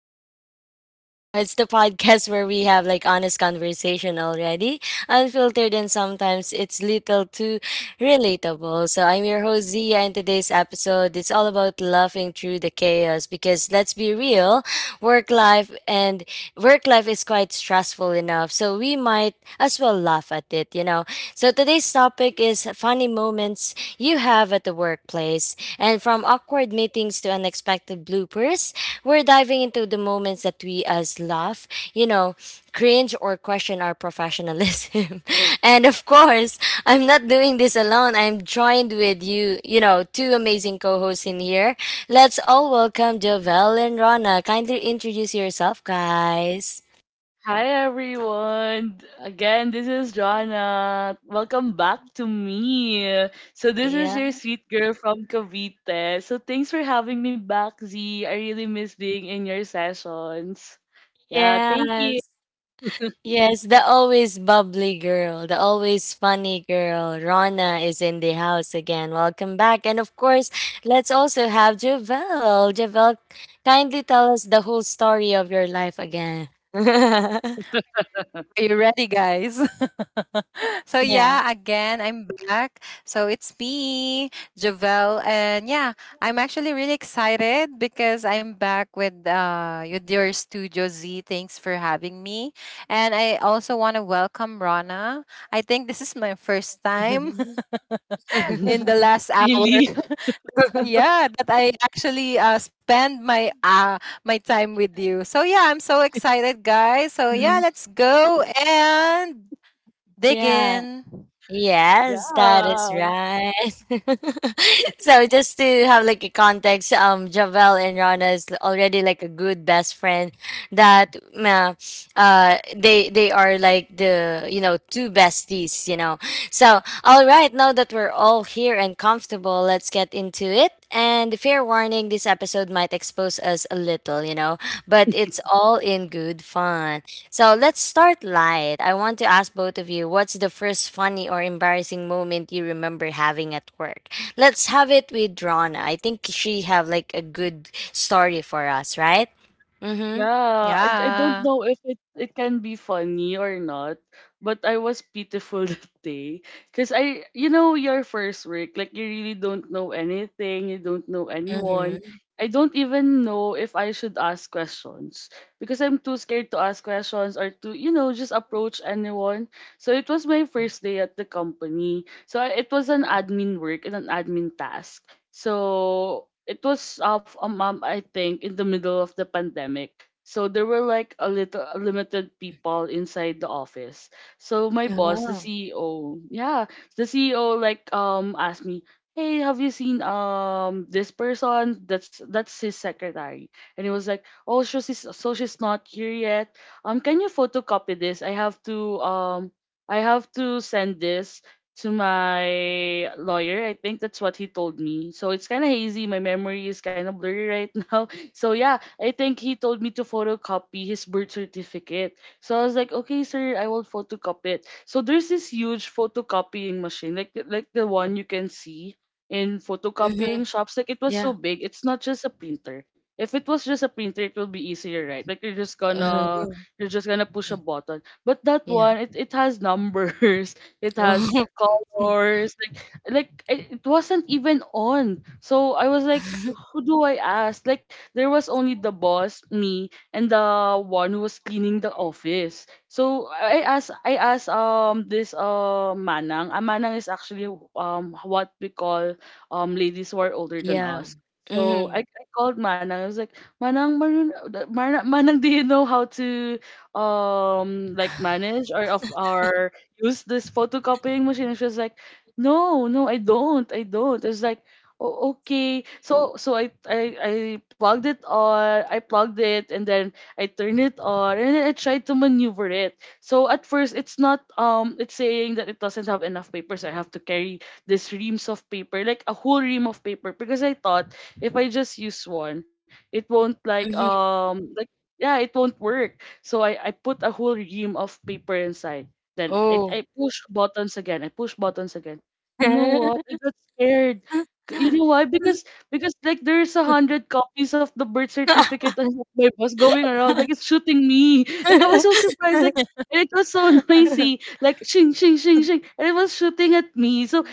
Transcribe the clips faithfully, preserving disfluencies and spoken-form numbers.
Diaries. You know, it's the podcast where we have like honest conversation already, unfiltered, and sometimes it's little too relatable. So I'm your host Zia, and today's episode it's all about laughing through the chaos because let's be real, work life and work life is quite stressful enough, so we might as well laugh at it. You know, so today's topic is funny moments you have at the workplace. And from awkward meetings to unexpected bloopers, we're diving into the moments that we as laugh, you know, cringe or question our professionalism. And of course, I'm not doing this alone. I'm joined with you, you know, two amazing co-hosts in here. Let's all welcome Jovel and Rana. Kindly introduce yourself, guys. Hi everyone. Again, this is Jonna. Welcome back to me. So this is Yeah. your sweet girl from Cavite. So thanks for having me back, Z. I really miss being in your sessions. Yeah, thank you. Yes. Yes, the always bubbly girl, the always funny girl, Rana is in the house again. Welcome back. And of course, let's also have Javel. Javel, kindly tell us the whole story of your life again. Are you ready, guys? So Yeah. yeah, again, I'm back. So it's me, Javel, and yeah, I'm actually really excited because I'm back with uh with your Studio Z. Thanks for having me, and I also want to welcome Rana. I think this is my first time in the last hour. Really? Yeah, that I actually uh, spend my uh my time with you. So yeah, I'm so excited, guys. So yeah, Mhm. let's go and Yeah. digging. Yes, that is Yeah. right. So just to have like a context, um, Javel and Rana is already like a good best friend. That uh, uh, they they are like the you know two besties. You know. So all right, now that we're all here and comfortable, let's get into it. And fair warning, this episode might expose us a little. You know, but it's all in good fun. So let's start light. I want to ask both of you what's the first funny or embarrassing moment you remember having at work? Let's have it with Rana. I think she have like a good story for us, right? Mm-hmm. Yeah, I, I Yeah. don't know if it, it can be funny or not, but I was pitiful that day. Because I, you know, your first work, like you really don't know anything, you don't know anyone. Mm-hmm. I don't even know if I should ask questions because I'm too scared to ask questions or to, you know, just approach anyone. So it was my first day at the company. So I- it was an admin work and an admin task. So it was off a month, I think, in the middle of the pandemic. So there were like a little a limited people inside the office. So my boss, the Oh. C E O, yeah, the C E O like um asked me, "Hey, have you seen um this person? That's that's his secretary." And he was like, "Oh, so she's so she's not here yet. Um, can you photocopy this? I have to um I have to send this to my lawyer." I think that's what he told me. So it's kind of hazy. My memory is kind of blurry right now. So yeah, I think he told me to photocopy his birth certificate. So I was like, "Okay, sir, I will photocopy it." So there's this huge photocopying machine, like like the one you can see in Mm-hmm. photocopying shops. Like it was so Yeah. big. It's not just a printer. If it was just a printer, it will be easier, right? Like you're just Uh, gonna you're just gonna push a button. But that yeah. one, it, it has numbers. It has colors like like i- it wasn't even on, so I was like, who do I ask? Like there was only the Oh. boss, me, and the one who was cleaning the office. So i asked i asked um this uh manang. A manang is actually um what we call um ladies who are older than Yeah. us. So Mm-hmm. I, I called Manang. I was like, "Manang, Manang, Manang, Manang, do you know how to um like manage or of our use this photocopying machine?" And she was like, "No, no i don't i don't I was like, "Oh, okay." So so I, I i plugged it on, I plugged it, and then I turned it on, and then I tried to maneuver it. So at first it's not um it's saying that it doesn't have enough papers. I have to carry this reams of paper, like a whole ream of paper, because I thought if I just use one, it won't like um like yeah, it won't work. So I, I put a whole ream of paper inside. Then I, Mm-hmm. I push buttons again. I push buttons again. You know what? I got scared. C- You know why? Because because like there's a hundred copies of the birth certificate on my bus going around. Like it's shooting me. Like I was so surprised. Like and it was so noisy. Like shing shing shing shing. And it was shooting at me. So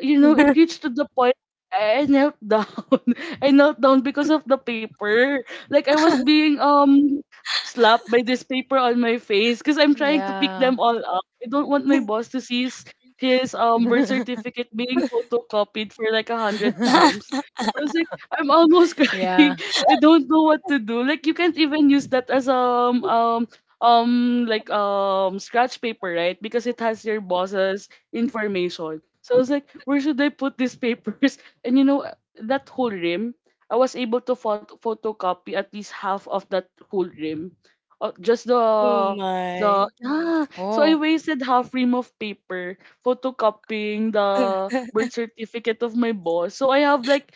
you know it reached to the point I knelt down. I knelt down because of the paper. Like I was being um slapped by this paper on my face because I'm trying to pick Yeah. them all. I don't want my boss to see his, his um birth certificate being Oh. photocopied for like a hundred times. I was like, I'm almost Yeah. crying. I don't know what to do. Like you can't even use that as um um um like um scratch paper, right? Because it has your boss's information. So I was like, where should I put these papers? And you know that whole rim, I was able to phot- photocopy at least half of that whole rim. Uh, just the Oh Oh. the my. yeah, so I wasted half ream of paper photocopying the birth certificate of my boss. So I have like,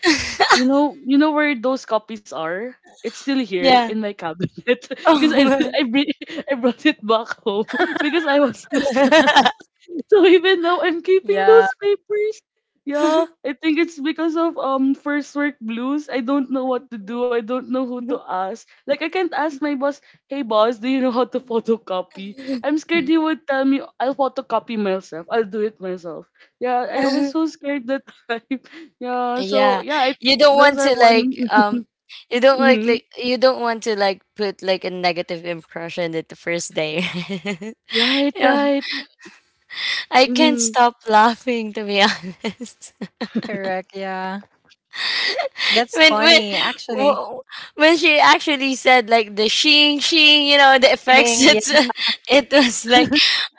you know, you know where those copies are. It's still here in Yeah. my cabinet because Oh I my. I, bring, I brought it back home because I was too. So even now I'm Yeah. keeping those papers. Yeah, I think it's because of um first work blues. I don't know what to do. I don't know who to ask. Like I can't ask my boss, "Hey boss, do you know how to photocopy?" I'm scared he would tell me, "I'll photocopy myself. I'll do it myself." Yeah, I was so scared that time. Yeah, so Yeah. yeah, I, You don't those want are to one. like um you don't like Mhm. like you don't want to like put like a negative impression at the first day. Right, Yeah. right. I can't Mhm. stop laughing to be honest. Correct. Yeah. That's when when funny, actually. w- when she actually said like the shing shing, you know, the Thing. effects. Yeah. It's it was like,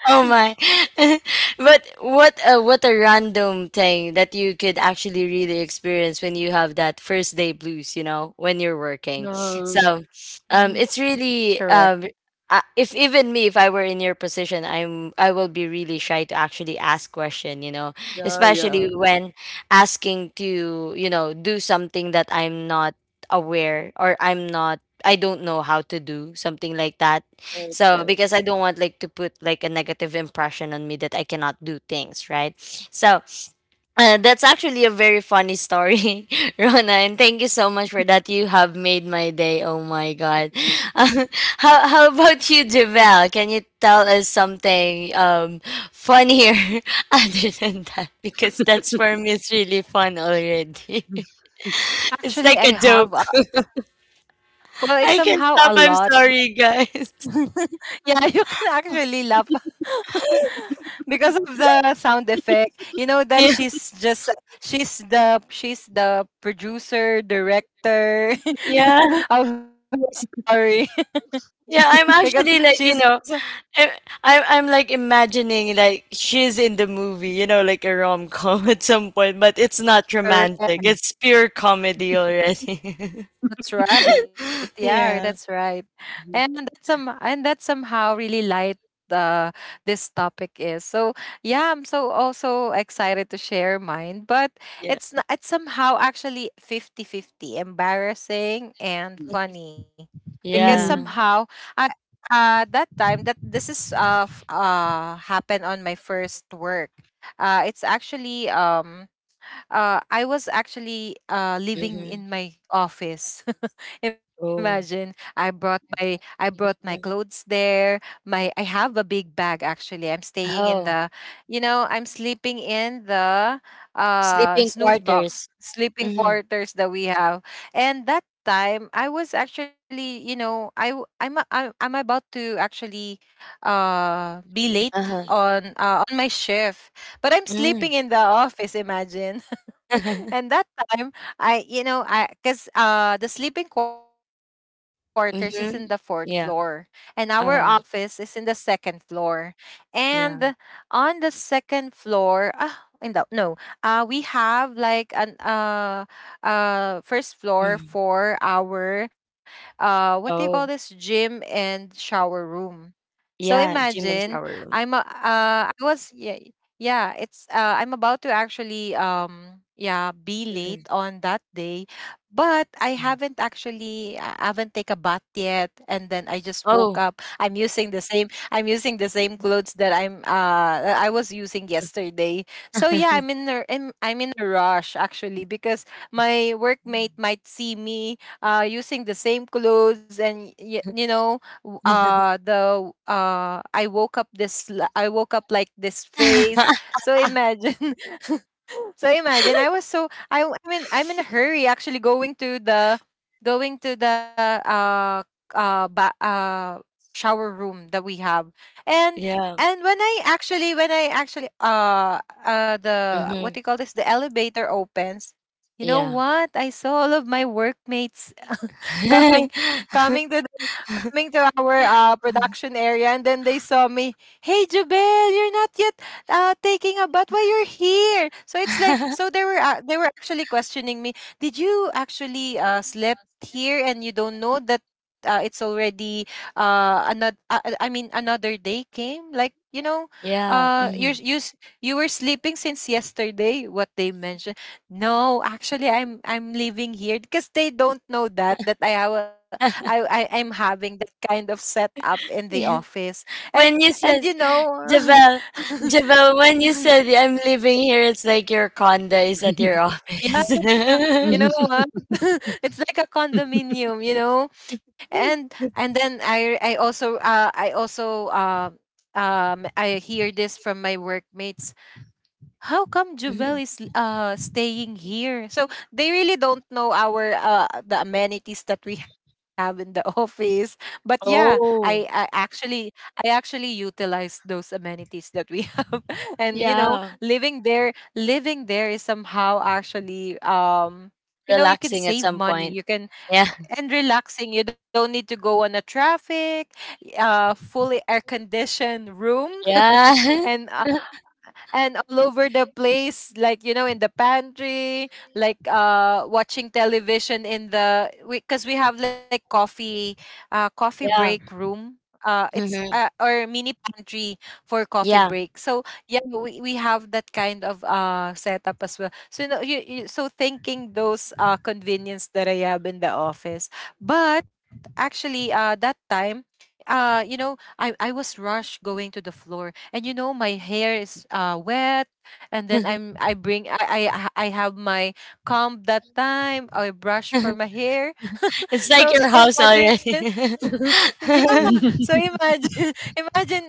oh my! But what a what a random thing that you could actually really experience when you have that first day blues. You know, when you're working. Yeah. So, um, Mhm. it's really Correct. um. Uh, if even me, if I were in your position, I'm I will be really shy to actually ask question, you know, Yeah, especially yeah. when asking to you know do something that I'm not aware or I'm not I don't know how to do something like that Right, so right. because I don't want like to put like a negative impression on me that I cannot do things right, so uh, that's actually a very funny story, Rona, and thank you so much for that. You have made my day. Oh my god! Uh, how how about you, Javel? Can you tell us something um funnier other than that? Because that's for me it's really fun already. It's Actually, like I a have. joke. A, well, it's I somehow can a stop. lot. I'm sorry, guys. Yeah, you can actually laugh because of the sound effect. You know that Yeah, she's just she's the she's the producer director yeah, of her story, yeah. I'm because actually she's like you also. know I, I- I'm like imagining like she's in the movie, you know, like a rom com at some point, but it's not romantic. Mhm. It's pure comedy already. That's right. Yeah, that's Yeah. right. And that's Mhm. some and that's somehow really light, uh this topic is. So yeah, I'm so also excited to share mine, but Yeah. it's n- it's somehow actually fifty fifty, embarrassing and funny. Because Mhm. Yeah. somehow I, uh that time that this is uh f- uh happened on my first work. Uh it's actually um uh, I was actually uh, living in Mm-hmm. my office. Imagine Oh. I brought my I brought my clothes there. My I have a big bag actually. I'm staying in Oh, the, you know, I'm sleeping in the uh, sleeping snooze box, quarters. sleeping Mm-hmm. quarters that we have, and that time I was actually, you know, I w- I'm a- I'm, I'm about to actually uh be late Uh-huh. on, uh, on my shift, but I'm Mm. sleeping in the office. Imagine. And that time, I, you know, I because uh the sleeping quarters is in the fourth floor, Mm-hmm. and Yeah. our office is in the Uh-huh. second floor. And Yeah. on the second floor, uh, in the no uh we have like an uh uh first floor Mm. for our, uh what do you call this, Oh. gym and shower room. So Yeah. imagine, Gym and I'm shower a, room. uh I was, yeah, yeah, it's uh I'm about to actually, um yeah, be late on that day, but I haven't actually I haven't take a bath yet, and then I just woke Oh. up. I'm using the same I'm using the same clothes that I'm uh that I was using yesterday. So yeah, I'm in a, I'm, I'm in a rush actually, because my workmate might see me uh using the same clothes. And y- you know, w- uh the uh i woke up this l- i woke up like this face. So imagine. So imagine, I was so I w- I mean, I'm in a hurry actually, going to the, going to the uh uh, ba- uh shower room that we have. And Yeah. and when I actually, when i actually uh uh the, what Mm-hmm. do you call this, the elevator opens. You know Yeah. what? I saw all of my workmates coming coming to the, coming to our uh, production area, and then they saw me. "Hey, Jubel, you're not yet uh, taking a bath. Why you're here?" So it's like, so they were, uh, they were actually questioning me. "Did you actually uh, slept here, and you don't know that uh, it's already uh another, uh, uh, I mean, another day came, like, you know, Yeah. uh Mm-hmm. you're you s- you were sleeping since yesterday," what they mentioned. "No, actually, I'm I'm living here," because they don't know that that I have a- I I I'm having that kind of setup in the office. And When you and you said know, Jabel, Jabel, when you said I'm living here, it's like your condo is at your yeah, office. you know Mhm. what? It's like a condominium, you know, and and then I I also uh I also uh um I hear this from my workmates, "How come Juvel Mhm. is uh staying here?" So they really don't know our, uh the amenities that we have in the office. But yeah, I, I Oh, actually I actually utilize those amenities that we have. And you know, yeah. living there living there is somehow actually, um you know, you can Relaxing at save some money, point. you can, Yeah. and relaxing, you don't need to go on a traffic, uh fully air conditioned room, Yeah. and and all over the place, like, you know, in the pantry, like uh watching television in the, because we, 'cause we have like coffee, uh coffee break Yeah. room, uh it's Hmm. uh, or mini pantry for coffee Yeah. break. So yeah, we, we have that kind of uh setup as well. So you know, you, you so thinking those uh convenience that I have in the office. But actually, uh that time, uh you know, i i was rushed going to the floor, and you know, my hair is uh wet, and then i'm i bring i i, I have my comb that time, or brush for my hair. It's like So your house imagine. already. Yeah, so imagine. Imagine,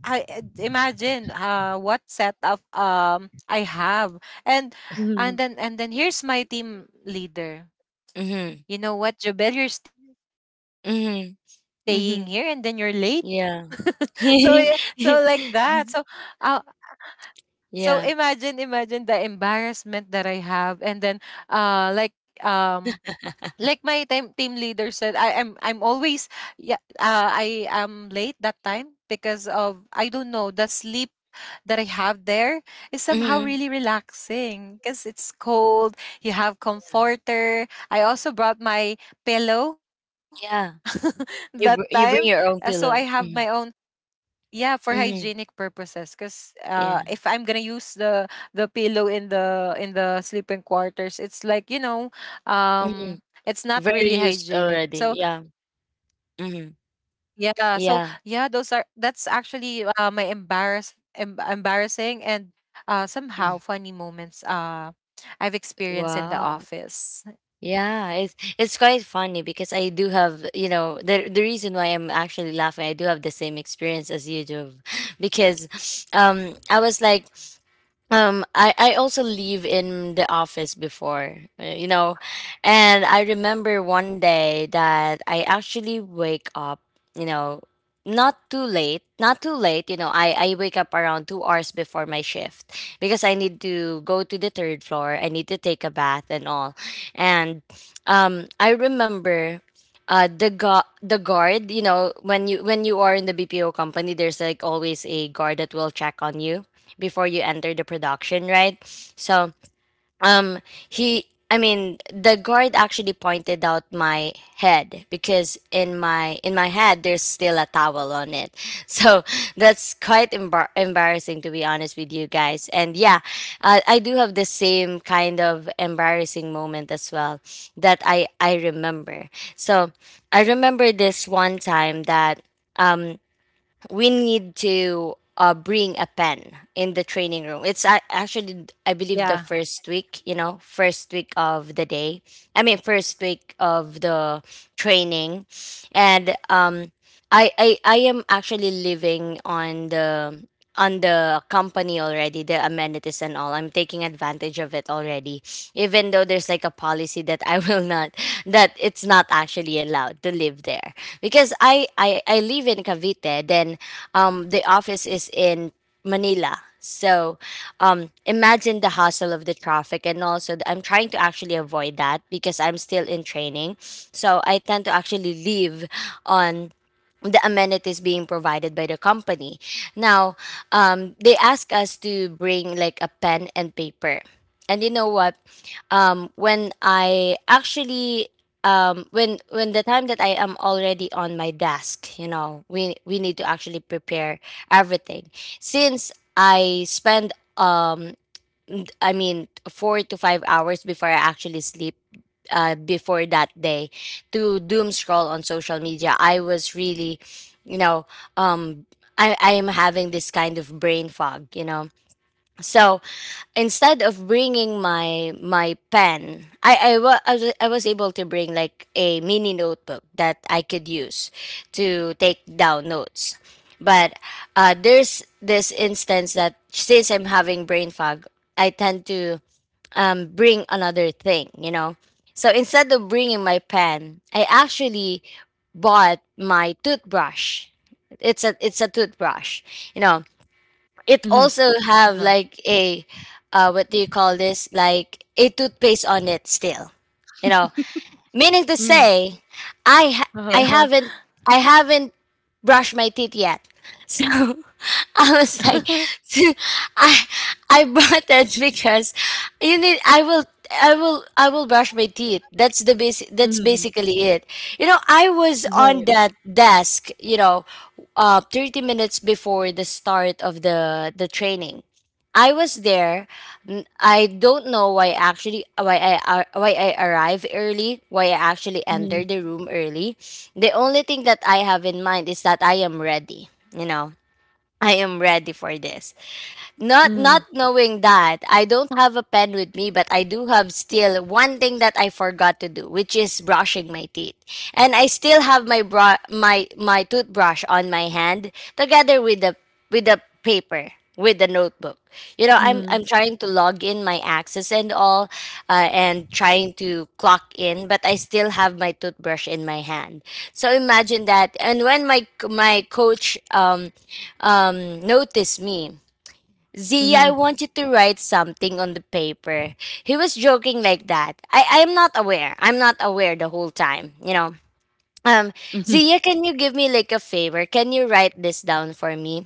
i, I imagine uh what set of um I have. And Mhm. and then and then here's my team leader. Hmm. "You know what, Jobel, you're staying here and then you're Hmm. late?" Hmm. So yeah, so Yeah. like that. So, uh, so imagine, imagine the Yeah. embarrassment that I have. And then, uh, like, um, like my team team leader said, I am I'm I'm always, yeah, uh, I am late that time because of, I don't know, the sleep that I have there is somehow really Hmm. relaxing, because it's cold. You have comforter. I also brought my pillow Yeah. that You time. br- you uh, bring So your I own have pillow. my own, Hmm. yeah, for hygienic Hmm. purposes, because uh, if Yeah. I'm gonna use the the pillow in the, in the sleeping quarters, it's like, you know, Hmm. um, it's not Very really used hygienic. already. So Yeah. yeah, Mm-hmm. so yeah, those are Yeah. that's actually uh, my embarrass em- embarrassing and, uh, somehow funny moments, uh I've experienced in the Wow. office. Yeah, it's it's quite funny because I do have, you know, the the reason why I'm actually laughing, I do have the same experience as you do because um I was like. Um, I, I also leave in the office before, uh, you know, and I remember one day that I actually wake up, you know, not too late, not too late, you know, I, I wake up around two hours before my shift because I need to go to the third floor. I need to take a bath and all. And um, I remember uh, the gu- the guard, you know, when you when you are in the B P O company, there's like always a guard that will check on you before you enter the production, right? So, um, he, I mean, the guard actually pointed out my head because in my in my head there's still a towel on it. So that's quite embar- embarrassing to be honest with you guys. And yeah, uh, I do have the same kind of embarrassing moment as well that I I remember. So I remember this one time that. Um, we need to uh, bring a pen in the training room. It's a- actually, I believe, the Yeah. first week, you know, first week of the day. I mean, first week of the training. And um, I, I, I am actually living on the on the company, already the amenities and all I'm taking advantage of it already, even though there's like a policy that I will not, that it's not actually allowed to live there because i i, I live in Cavite then, um, the office is in Manila. So um, imagine the hustle of the traffic. And also, th- I'm trying to actually avoid that because I'm still in training. So I tend to actually live on the amenities being provided by the company. Now, um, they ask us to bring like a pen and paper. And you know what? Um, when I actually um when when the time that I am already on my desk, you know, we we need to actually prepare everything. Since I spend um n- I mean four to five hours before I actually sleep uh before that day to doom scroll on social media, I was really, you know, um I I am having this kind of brain fog, you know. So instead of bringing my my pen I I, wa- I was I was able to bring like a mini notebook that I could use to take down notes, but uh, there's this instance that since I'm having brain fog I tend to um, bring another thing, you know, so instead of bringing my pen I actually bought my toothbrush. It's a it's a toothbrush, you know. It Mhm. also have Yeah. like a uh, what do you call this, like a toothpaste on it still, you know. Meaning to Mm. say, I Yeah. ha- I Uh-huh. haven't, I haven't brushed my teeth yet. So I was like, I I bought that because you need, I will I will I will brush my teeth. That's the basic, that's Mhm. basically it. You know, I was Yeah. on that desk, you know, uh thirty minutes before the start of the the training. I was there. N- I don't know why actually, why I ar-, why I arrive early, why I actually enter Mhm. the room early. The only thing that I have in mind is that I am ready. You know, I am ready for this, not Mhm. not knowing that I don't have a pen with me, but I do have still one thing that I forgot to do, which is brushing my teeth. And I still have my bra-, my my toothbrush on my hand together with the, with the paper, with the notebook. You know, I'm Mhm. I'm trying to log in my access and all, uh, and trying to clock in, but I still have my toothbrush in my hand. So imagine that. And when my my coach um um noticed me, Z, I Mhm. wanted to write something on the paper. He was joking like that. I, I'm not aware. I'm not aware the whole time, you know. Um, Mhm. Zia, can you give me like a favor? Can you write this down for me?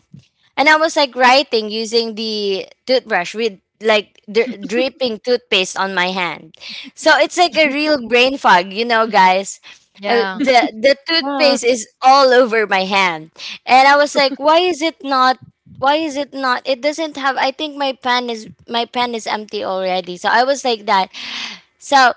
And I was like writing using the toothbrush with like dri- dripping toothpaste on my hand. So it's like a real brain fog, you know, guys. Uh, yeah. the the Yeah. toothpaste is all over my hand. And I was like, why is it not, why is it not it doesn't have, I think my pen is, my pen is empty already. So I was like that. So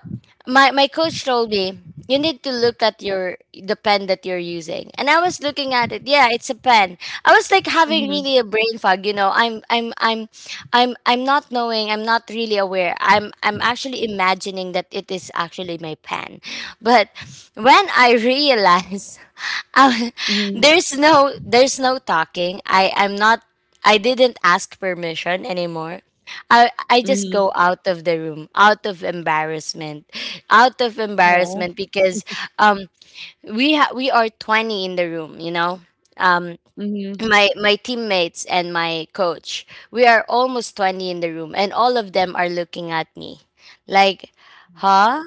my my coach told me you need to look at your, the pen that you're using. And I was looking at it. Yeah, it's a pen. I was like having Mhm. really a brain fog, you know. I'm I'm I'm I'm I'm not knowing, I'm not really aware. I'm I'm actually imagining that it is actually my pen. But when I realize I, Mhm. there's no there's no talking. I I'm not I didn't ask permission anymore. I I just Mhm. go out of the room out of embarrassment, out of Yeah. embarrassment because um we ha- we are twenty in the room, you know. Um, Mhm. Mhm. my my teammates and my coach, we are almost twenty in the room, and all of them are looking at me like, huh,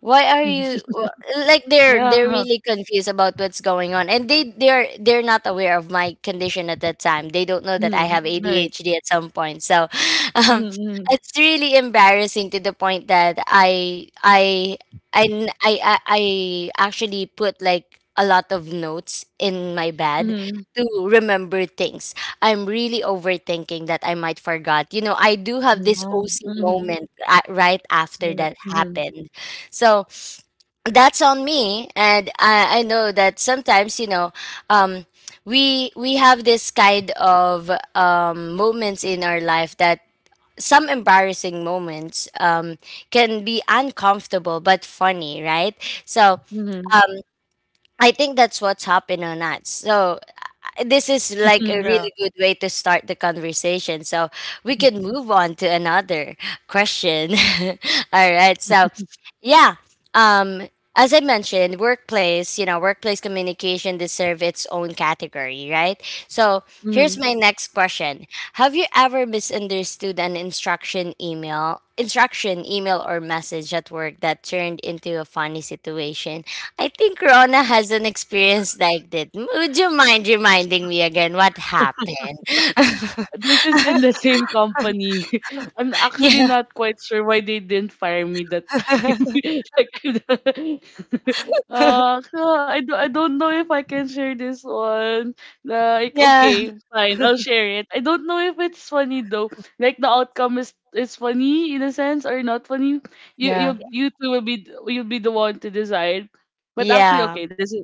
why are you wh- like they're they're Yeah. really confused about what's going on, and they they're they're not aware of my condition at that time. They don't know that I Mhm. have Right. ADHD at some point. So um, Mhm. it's really embarrassing to the point that I I I, n- I, I I actually put like a lot of notes in my bed Mhm. Mhm. to remember things. I'm really overthinking that I might forgot. You know, I do have this Yeah. O C Mhm. moment a- right after Right. that Mhm. happened. So that's on me. And I, I know that sometimes, you know, um, we we have this kind of um, moments in our life that some embarrassing moments um, can be uncomfortable but funny, right? So Mhm. I think that's what's happened on us. So this is like a Yeah. really good way to start the conversation. So we can move on to another question. All right. So, yeah. Um, as I mentioned, workplace, you know, workplace communication deserve its own category, right? So here's Mhm. my next question. Have you ever misunderstood an instruction email, instruction, email, or message at work that turned into a funny situation? I think Rona has an experience like that. M- Would you mind reminding me again what happened? This is in the same company. I'm actually yeah. not quite sure why they didn't fire me that time. Like, uh, so I, do, I don't know if I can share this one. Like, Yeah. okay, fine, I'll share it. I don't know if it's funny though. Like, the outcome is is funny in a sense or not funny. You Yeah, you you two will be you'll be the one to decide. But actually, Yeah. okay, this is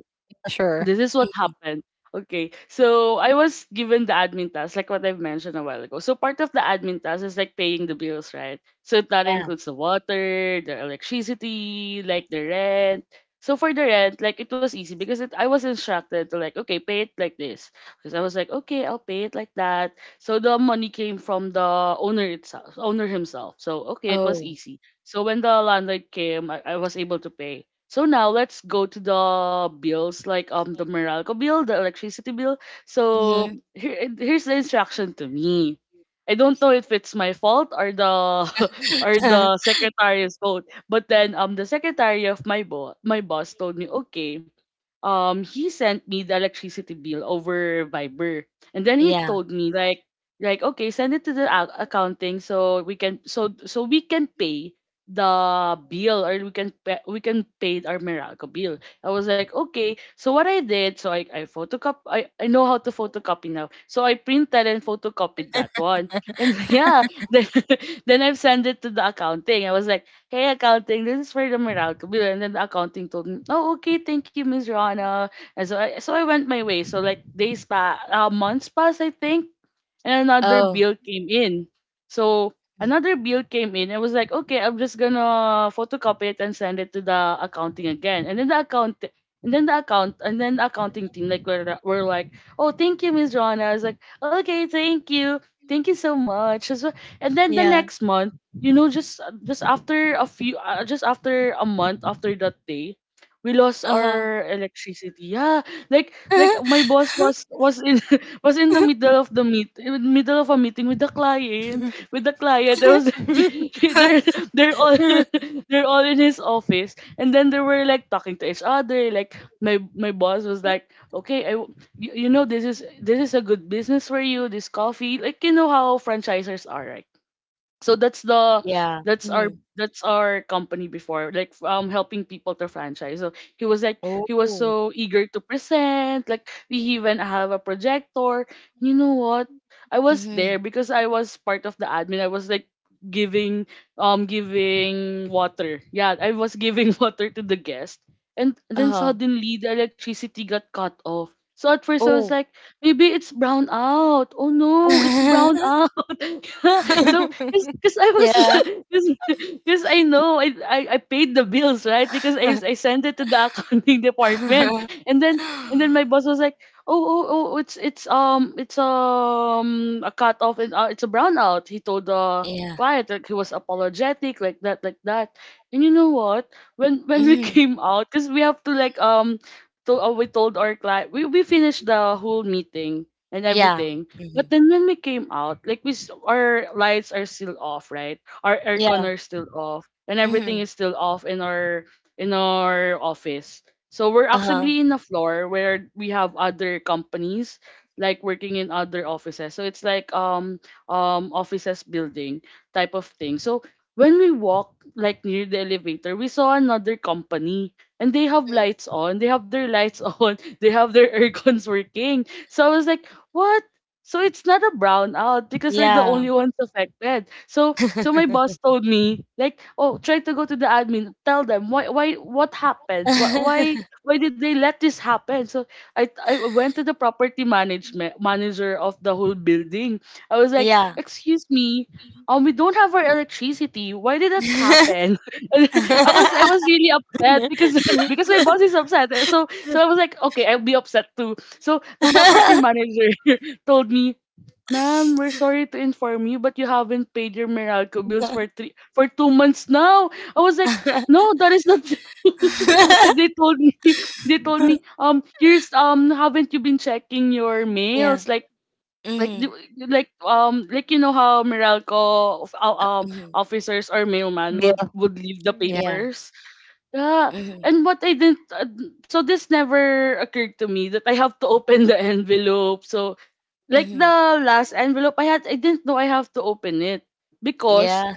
sure. this is what happened. Okay, so I was given the admin task, like what I've mentioned a while ago. So part of the admin task is like paying the bills, right? So that Yeah. includes the water, the electricity, like the rent. So for the rent, like it was easy because it, I was instructed to like, okay, pay it like this. Because I was like, okay, I'll pay it like that. So the money came from the owner itself, owner himself. So okay, it was Oh. easy. So when the landlord came, I, I was able to pay. So now let's go to the bills like um the Meralco bill, the electricity bill. So Hmm. here here's the instruction to me. I don't know if it's my fault or the or the secretary's fault, but then um the secretary of my boss my boss told me, okay, um he sent me the electricity bill over Viber. And then he yeah. told me like like okay, send it to the ac- accounting so we can, so so we can pay the bill, or we can pay, we can pay our Meralco bill. I was like, okay. So what I did, so I I photocop I I know how to photocopy now. So I printed and photocopied that one. And yeah, then then I've sent it to the accounting. I was like, "Hey, accounting, this is for the Meralco bill." And then the accounting told me, "Oh, okay, thank you, Miss Rana." And so I, so I went my way. So like days pa, uh, months passed, I think, and another Oh. bill came in. So another bill came in. I was like, okay, I'm just gonna photocopy it and send it to the accounting again. And then the account and then the account and then the accounting team like were, were like, "Oh, thank you, Miss Rona." I was like, okay, thank you. Thank you so much. As well- And then the Yeah. next month, you know, just just after a few, uh, just after a month after that day, we lost Uh our electricity. Yeah, like like huh. my boss was was in was in the middle of the meet in the middle of a meeting with the client with the client. I was like, they're they're all they're all in his office, and then they were like talking to each other. Like my my boss was like, okay, I w- you, you know this is this is a good business for you, this coffee, like, you know how franchisers are, right? So that's the yeah. that's our Hmm. that's our company before, like, um helping people to franchise. So he was like he was Oh. so eager to present, like, we even have a projector. You know what, I was Hmm. there because I was part of the admin. I was like giving, um giving water. Yeah, I was giving water to the guest. And then Uh-huh. suddenly the electricity got cut off. So at first I was Oh. like, maybe it's brown out. Oh no, it's brown out. So because I was, Yeah. because I know, I, I I paid the bills, right? Because I I sent it to the accounting department. And then and then my boss was like, oh oh oh, it's it's um it's um a cut off, and uh, it's a brownout, he told the yeah. client, like, he was apologetic, like that like that. And you know what, when when we Hmm. came out, because we have to, like, um to uh, we told our client. We we finished the whole meeting and Yeah. everything. But Hmm. then when we came out, like, we s- our lights are still off, right? Our aircon Yeah. are still off, and everything Hmm. is still off in our in our office. So we're Uh huh. actually in a floor where we have other companies, like, working in other offices. So it's like, um um offices building type of thing. So when we walked, like, near the elevator, we saw another company and they have lights on. They have their lights on. They have their aircons working. So I was like, what? So it's not a brownout because we're the Yeah. only ones affected. So so my boss told me like, oh, try to go to the admin, tell them why why what happened, why why, why did they let this happen? So I I went to the property management manager of the whole building. I was like, excuse me. Um, we don't have our electricity. Why did that Yeah. happen? And I was I was really upset, because because my boss is upset. So so I was like, okay, I'll be upset too. So the property manager told me, ma'am, we're sorry to inform you, but you haven't paid your Meralco bills for three for two months now. I was like, no, that is not true. And they told me they told me, um, here's, um haven't you been checking your Yeah. mails? Like like the- Mhm. like um like you know how Meralco of- uh, um Mhm. officers or mailman would Bill. would leave the Yeah. Yeah. papers. Yeah. Mhm. And what I didn't uh, So this never occurred to me that I have to open the envelope. So, like, Mhm. the last envelope I had, I didn't know I have to open it, because, Yeah.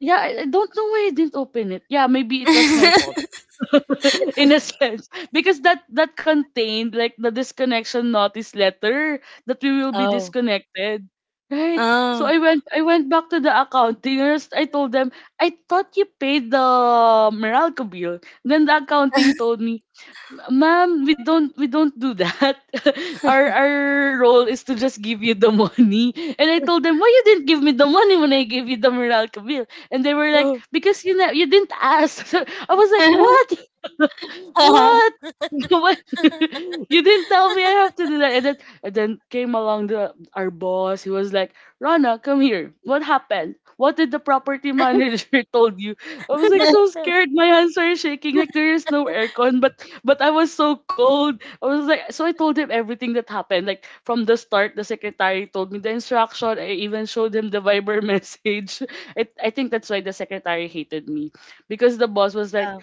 yeah, I I don't know why I didn't open it. Yeah, maybe it was my fault in a sense, because that that contained, like, the disconnection notice letter that we will be Oh. disconnected. Right. So Oh. I went I went back to the accounters. I told them, I thought you paid the Meralco bill. Then the accounting told me, ma'am, we don't we don't do that. our our role is to just give you the money. And I told them, why you didn't give me the money when I gave you the Meralco bill? And they were like, Oh. because you know you didn't ask. So I was like, what? What? What? You didn't tell me I have to do that. And then, and then came along the our boss. He was like, Rana, come here. What happened? What did the property manager told you? I was like Yeah. so scared. My hands are shaking. Like there is no aircon, but but I was so cold. I was like, so I told him everything that happened. Like from the start, the secretary told me the instruction. I even showed him the Viber message. I, I think that's why the secretary hated me, because the boss was like,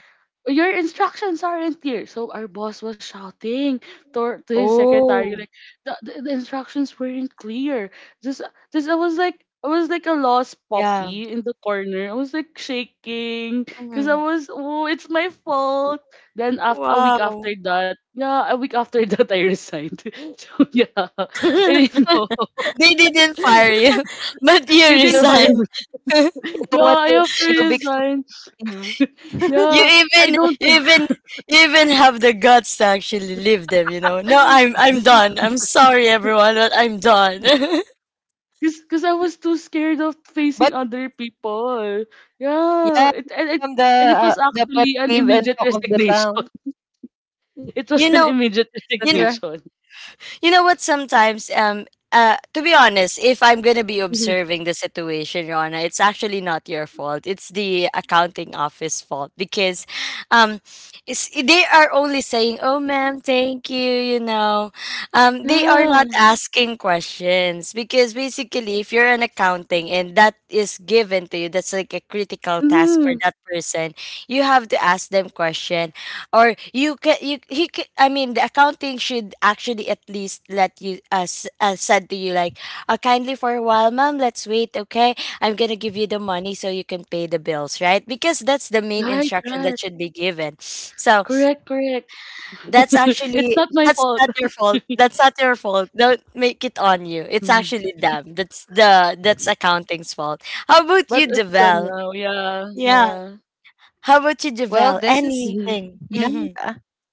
your instructions aren't clear. So our boss was shouting to, to his secretary, Oh, like, the, the, the instructions weren't clear. Just just I was like I was like a lost yeah. puppy in the corner. I was like shaking because I Mhm. was, oh, it's my fault. Then after a week after Wow. that, yeah, a week after that, I resigned. So yeah, I didn't know. They didn't fire you, but you They didn't You fire me. become, resigned. you Yeah, know what, I you have to you become resign. peeve. You Yeah, I even, don't. you even, you even have the guts to actually leave them. You know. No, I'm, I'm done. I'm sorry, everyone, but I'm done. Cause, cause I was too scared of But facing other people. yeah, Yeah, it become and the, it uh, and it the was pet actually peeve an and talk immediate of the resignation. town. It you was an know, immediate you That's know. right. resignation. You know what, sometimes um uh to be honest, if I'm gonna be Mhm. observing the situation, Rona, it's actually not your fault. It's the accounting office fault. Because um it's, they are only saying, oh ma'am, thank you, you know, um they are not Yeah. asking questions. Because basically, if you're an accounting and that is given to you, that's like a critical task for Hmm. that person. You have to ask them question. Or you can, you he can, I mean, the accounting should actually at least let you uh, s- uh said to you like, uh, kindly for a while, madam, let's wait, okay, I'm gonna give you the money so you can pay the bills, right? Because that's the main Right, instruction that right. should be given. So Correct, correct. that's It's actually, not my that's fault. not your fault, that's not your fault, don't make it on you. It's Mhm. actually them. That's the, that's Um, accounting's fault. How about But you, it's done Javel? now. Yeah, Yeah, yeah. how about you, Well, Javel, this is. Mhm. anything? Yeah. Mm-hmm.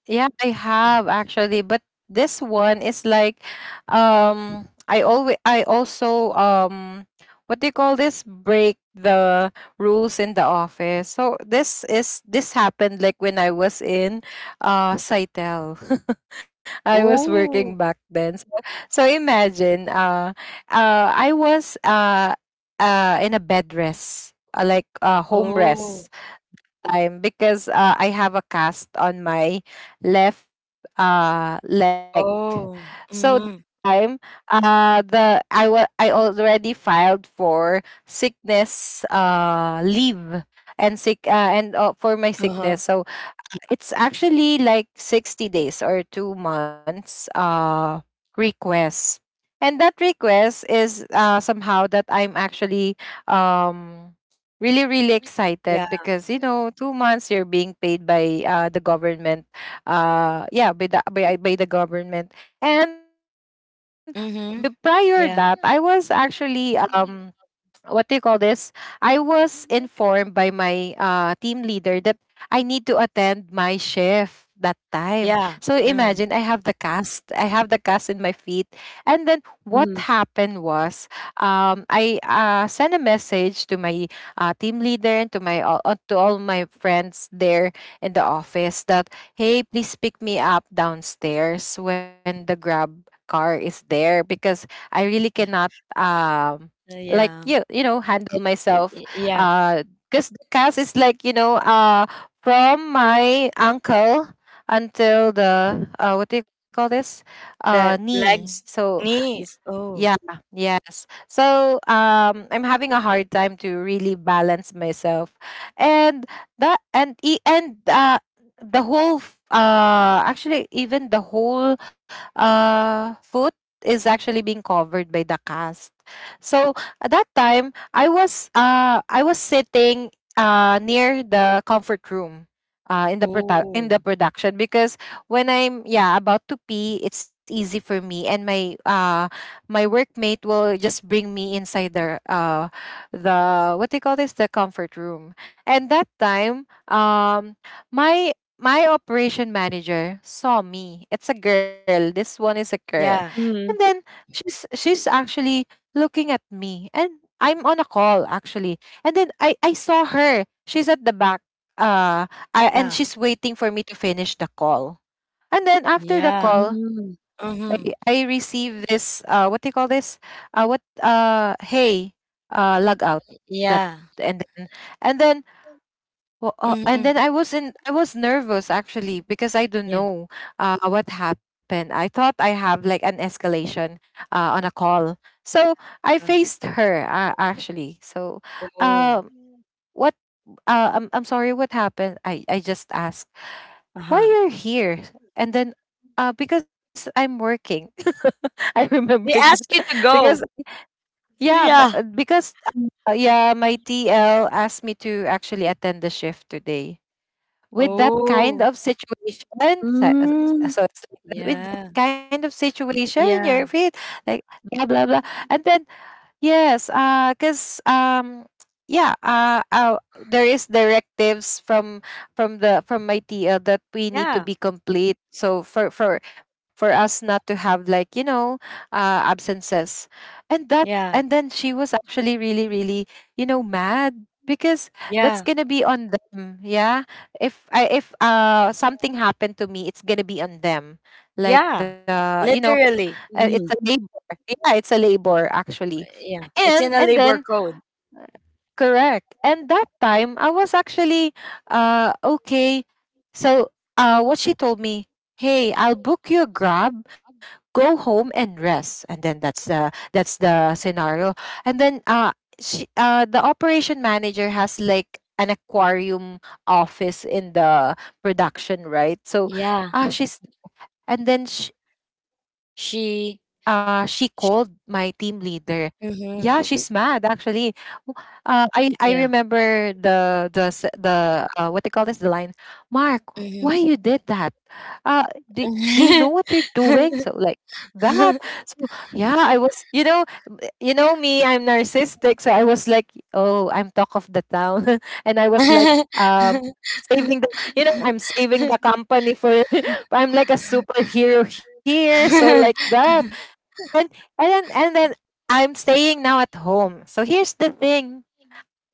Yeah, I have actually, but this one is like, um I always I also, um what do you call this? Break the rules in the office. So this is this happened like when I was in uh Saitel. I was working back Ooh. then. So, so imagine, uh uh I was uh uh in a bed rest, uh, like uh home Oh. rest time, because uh, I have a cast on my left, uh, leg. Oh, So that mhm, time, uh, the I wa- I already filed for sickness, uh, leave and sick, uh, and uh, for my uh-huh, sickness. So it's actually like sixty days or two months, uh, request. And that request is uh, somehow that I'm actually, um, really, really yeah, excited because, you know, two months you're being paid by, uh, the government. Uh, yeah, by the, by, by the government. And b- prior that, I mhm, was yeah, actually. Um, what do you call this? I was informed by my, uh, team leader that I need to attend my shift that time. So yeah, imagine I have the mm, cast, I have the cast in my feet. And then what happened Mm-hmm. was, um, I uh, sent a message to my, uh, team leader, and to my all uh, to all my friends there in the office that, "Hey, please pick me up downstairs when the grab car is there, because I really cannot, um uh, like, yeah, you you know, handle y myself, y yeah, uh because the cast is like, you know, uh from my ankle until the, uh what do you call this, uh the knee." legs, So this, knee, yeah, oh, yes. So, um I'm having a hard time to really balance myself, and that and e- and uh the whole f- uh actually even the whole uh foot is actually being covered by the cast. So at that time, I was uh I was sitting uh near the comfort room, uh in the produ- in the oh, production, because when I'm, yeah, about to pee, it's easy for me, and my, uh my workmate will just bring me inside the, uh the what do you call this, the comfort room. And that time, um my my operation manager saw me. It's a girl. This one is a girl. yeah, And then Mm-hmm. she's she's actually looking at me. And I'm on a call actually. And then I I saw her. She's at the back, uh I, and yeah, she's waiting for me to finish the call. And then after the yeah, call, Mm-hmm. I, I mhm, receive this, uh what do you call this? Uh what uh "Hey, uh log out." That yeah, and then and then Well, uh, and mhm, then I was in, I was nervous actually, because I don't yeah, know uh, what happened. I thought I have like an escalation, uh, on a call, so I uh, faced her, uh, actually. So, oh, um, what? Uh, I'm I'm sorry. "What happened?" I I just asked, "Why uh-huh, you're here?" And then, uh, "Because I'm working." I they remembered ask that you to because go, yeah, my, yeah, uh, because um, uh, yeah, my T L asked me to actually attend the shift today, with that kind oh, of situation. So, so it's like, that, with that yeah, kind of situation, you're yeah, afraid, like blah blah blah. And then yes, uh, cause um, yeah, uh, uh, there is directives from from the from my T L that we need to yeah, be complete. So for for for us not to have, like, you know, uh, absences. And that yeah, and then she was actually really, really, you know, mad because that's yeah, gonna be on them. Yeah, if I, if uh something happened to me, it's gonna be on them. Like, yeah, the you know, Mm-hmm. uh, literally, it's a labor. Yeah, it's a labor actually. yeah, it's and in a and labor then code, correct, and that time I was actually, uh okay, so uh what she told me, hey, I'll book you a grab, go home and rest. And then that's the that's the scenario. And then uh she, uh the operation manager, has like an aquarium office in the production, right? So yeah, uh she's, and then she uh she called my she team leader. Sh Yeah, she's mad actually. Mhm. uh, I I remember the Yeah. the s- the uh what they call this, the line, Mark, why you did that? Mhm. Uh, do do you know what you're doing? So like that. So yeah, I was, you know, b- you know me, I'm narcissistic, so I was like, oh, I'm talk of the town, and I was like, um. Saving the, you know, I'm saving the company for. I'm like a superhero here, so like that. And and then and then I'm staying now at home. So here's the thing.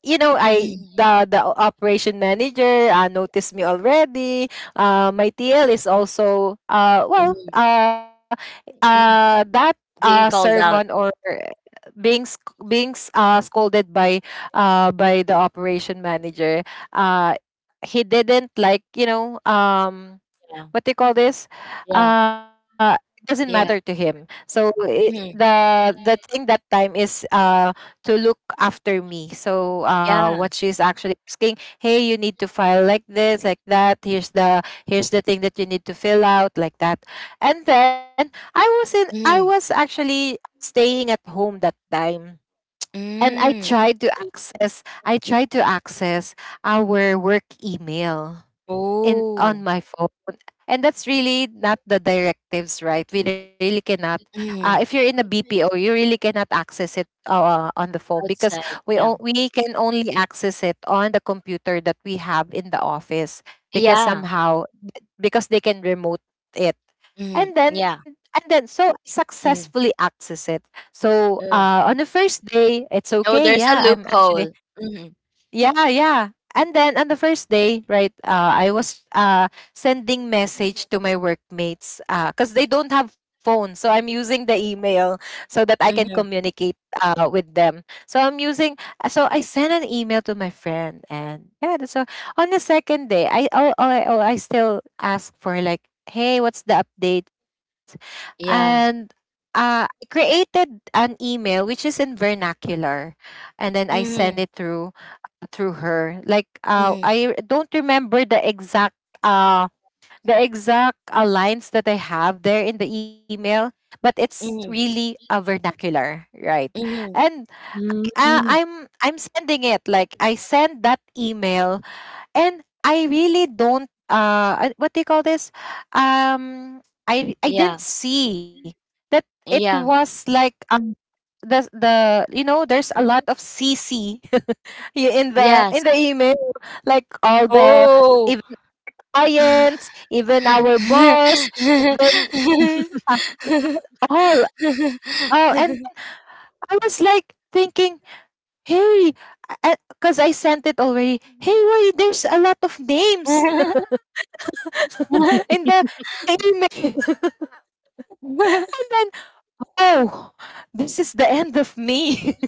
You know, I, Mm, the the o- operation manager uh, noticed me already. Uh, my T L is also uh well mhm. uh uh that uh Being called sermon, out. or being sc- being s- uh scolded by uh by the operation manager. Uh, he didn't like, you know, um, Yeah. what they call this? Yeah. Uh, it doesn't matter to Yeah. him. So I Mhm. the the thing that time is uh to look after me. So uh, Yeah. what she's actually asking, hey, you need to file like this, like that. Here's the here's the thing that you need to fill out, like that. And then I was in I was Mhm. actually staying at home that time. And I Mm. tried to access I tried to access our work email in on Oh. my phone. And that's really not the directives, right? We really cannot, uh, if you're Mhm. in a bpo, you really cannot access it, uh, on the phone, because Outside. we o- Yeah. we can only access it on the computer that we have in the office, because Yeah. somehow, because they can remote it. Mhm. and then Yeah. and then so successfully Mhm. access it. So uh, Mm. on the first day it's Oh, okay, there's a yeah, I'm actually, loophole. Mhm. yeah, yeah. And then on the first day, right, uh, I was, uh, sending message to my workmates because they don't have phones. So I'm using the email so that I can Mhm. communicate uh, with them. So I'm using, uh, so I sent an email to my friend. And yeah, that's so, on the second day, I, oh, oh, I- oh, I still ask for like, hey, what's the update? And Yeah. uh, I created an email which is in vernacular. And then I send it Mhm. through through her. Like, uh, Mhm. I don't remember the exact uh the exact uh, lines that I have there in the email, but it's Mhm. really a vernacular, right? Mhm. And uh, Mm-hmm. I'm I'm sending it like, I send that email, and I really don't uh uh, what do you call this? Um, I I Yeah. didn't see that it Yeah. was like, um, the the you know, there's a lot of C C, yeah, in the in Yes. the email, like all the, Oh. even clients, even our boss, even, uh, all all. And I was like thinking, hey, because I sent it already, hey, why there's a lot of names in the email. And then, oh, this is the end of me.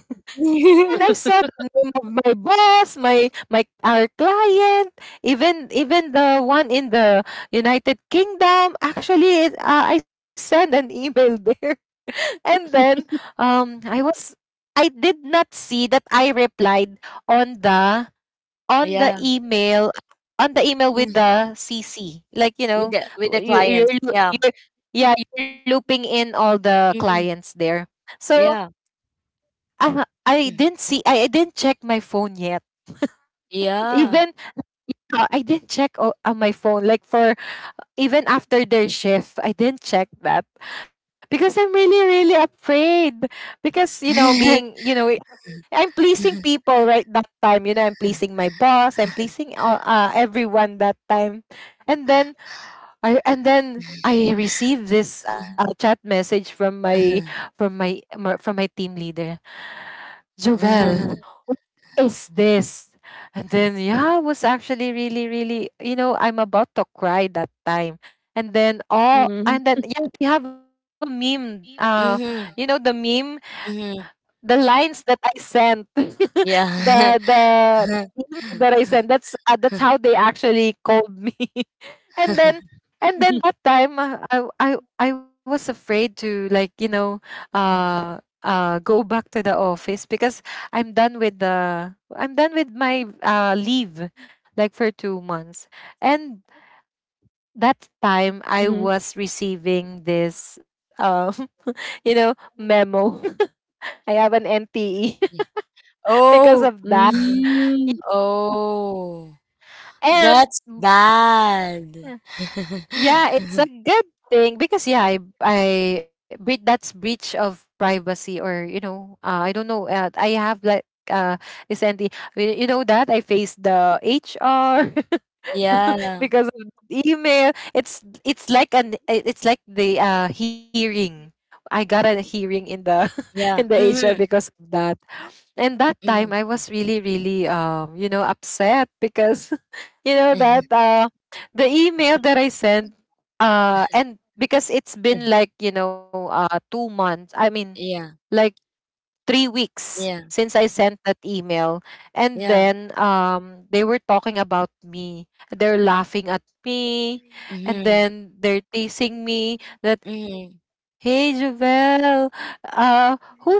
And I saw the name of my boss, my my our client, even, even the one in the United Kingdom. Actually, it, uh, I sent an email there. And then um, I was, I did not see that I replied on the on the Yeah, email on the email with the C C. Like, you with know, the with the you you're, clients. you're Yeah. you're yeah, you're looping in all the Hmm. clients there. So Yeah. uh, I Mm. didn't see. I, I didn't check my phone yet. Yeah. Even uh, I didn't check o- on my phone. Like, for even after their shift, I didn't check that, because I'm really really afraid. Because, you know, being, you know, I'm pleasing people right that time. You know, I'm pleasing my boss. I'm pleasing all, uh, everyone that time. And then I and then. I received this uh, chat message from my from my my- from my team leader. Jovel, Mhm, what is this? And then yeah, I was actually really, really, you know, I'm about to cry that time. And then, oh, and then, Mm-hmm. yeah, we have a meme. Uh, you know, the meme, mhm. the lines that I sent, Yeah. the the the meme that I sent. That's, uh, that's how they actually called me. and then and then that time, uh, I I I was afraid to, like, you know, uh uh go back to the office, because I'm done with the I'm done with my uh leave like for 2 months. And that time I Mm-hmm. was receiving this, um, you know, memo. I have an N T E because Oh. of that. Yeah. Oh. and That's mm, bad. Yeah, it's a good thing because, yeah, I I bre- that's breach of privacy, or, you know, uh, I don't know. Uh, I have like uh recently, y- you know that I faced the H R Yeah. because of the email. It's it's like an, it- it's like the uh hearing. I got a hearing in the in the Yeah. H R Hmm. because of that. And that time I Hmm. was really, really, um, you know, upset because, you know, that uh, the email that I sent, uh, and because it's been like, you know, uh, two months, I mean, Yeah. like three weeks Yeah. since I sent that email. And Yeah. then, um, they were talking about me. They're laughing at me. And Hmm. then they're teasing me that, hey, Mm. Javel, uh, who's that?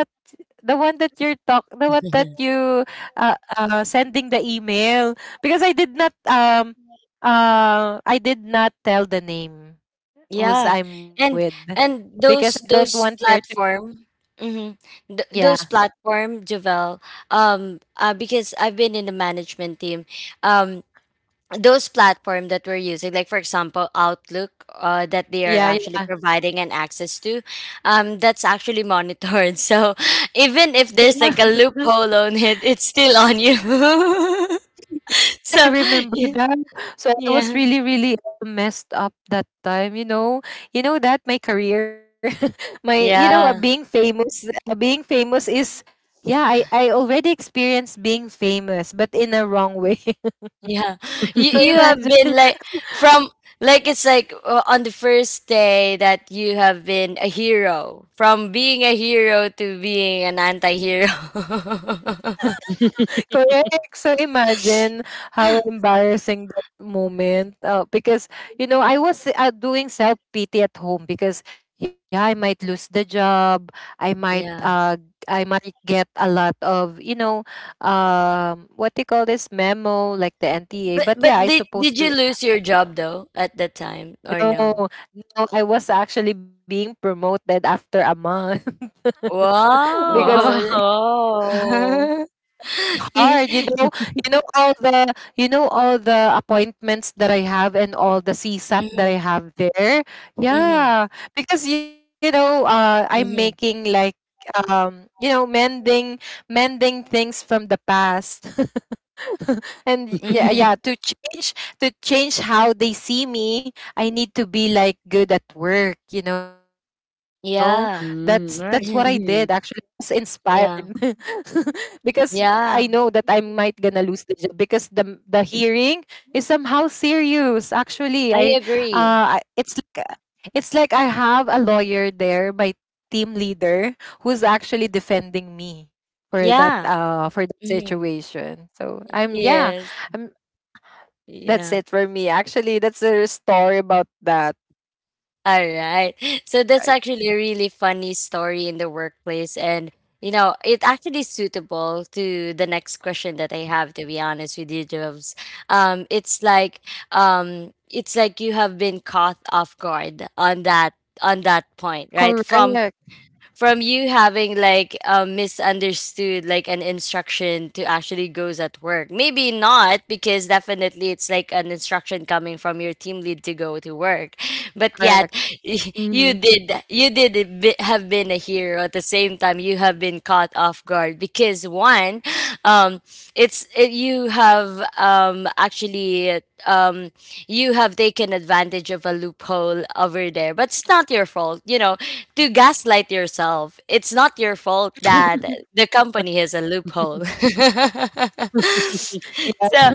the one that you're talk The one that you, uh, uh sending the email, because I did not um uh I did not tell the name who's Yeah. I'm with, And and because I those don't want those her to, platform, hmm, Th- yeah, those platform, Javel, um uh, because I've been in the management team, um those platform that we're using, like for example Outlook, uh, that they are yeah, actually yeah, providing an access to, um that's actually monitored. So even if yeah. there's like a loophole on it, it's still on you. I So remember that. So I was yeah really, really, uh, messed up that time. You know, you know that my career, my, you know, uh, being yeah. famous, uh, being famous is yeah. I I already experienced being famous, but in a wrong way. Yeah, So you you imagine. have been like from, like it's like uh, on the first day that you have been a hero, from being a hero to being an anti-hero. Correct. So imagine how embarrassing that moment. Uh, because, you know, I was, uh, doing self pity at home because, yeah, I might lose the job. I might, yeah, uh, I might get a lot of, you know, um, what do you call this memo, like the N T A. but But but yeah, I did did supposed you to. lose your job though at that time or No, no? no, I was actually being promoted after a month because Wow. Wow. You- hard, you know, you know all the, you know all the appointments that I have and all the csat that I Mhm, have there. mhm, Yeah, because, you know, uh, I'm making mhm, like, um, you know, mending, mending things from the past. And yeah, yeah, mhm. to change, to change how they see me, I need to be like good at work, you know? That's that's what I Yeah. did Mm, actually. right. I was Mhm. Mhm. inspired Yeah. because I know that I Yeah. might gonna lose the job, because the the hearing is somehow serious. Actually, I, I uh I- agree. it's like a, it's like I have a lawyer there, my team leader, who's actually defending me for that, Yeah. uh for that Mhm. situation. So I'm, yeah, Yes. um, that's Yeah. it for me. Actually, that's the story about that. All right. So that's Right? actually a really funny story in the workplace. And, you know, it actually suitable to the next question that I have, to be honest with you, Jobs. Um, it's like, um, it's like you have been caught off guard on that on that point, Correct, right? From from you having like um, misunderstood like an instruction to actually goes at work. Maybe not, because definitely it's like an instruction coming from your team lead to go to work, but yet correct. Mhm. you did, you did a bit- have been a hero. At the same time, you have been caught off guard because one, um it's it, you have um actually um you have taken advantage of a loophole over there, but it's not your fault, you know, to gaslight yourself. It's not your fault that the company has a loophole. So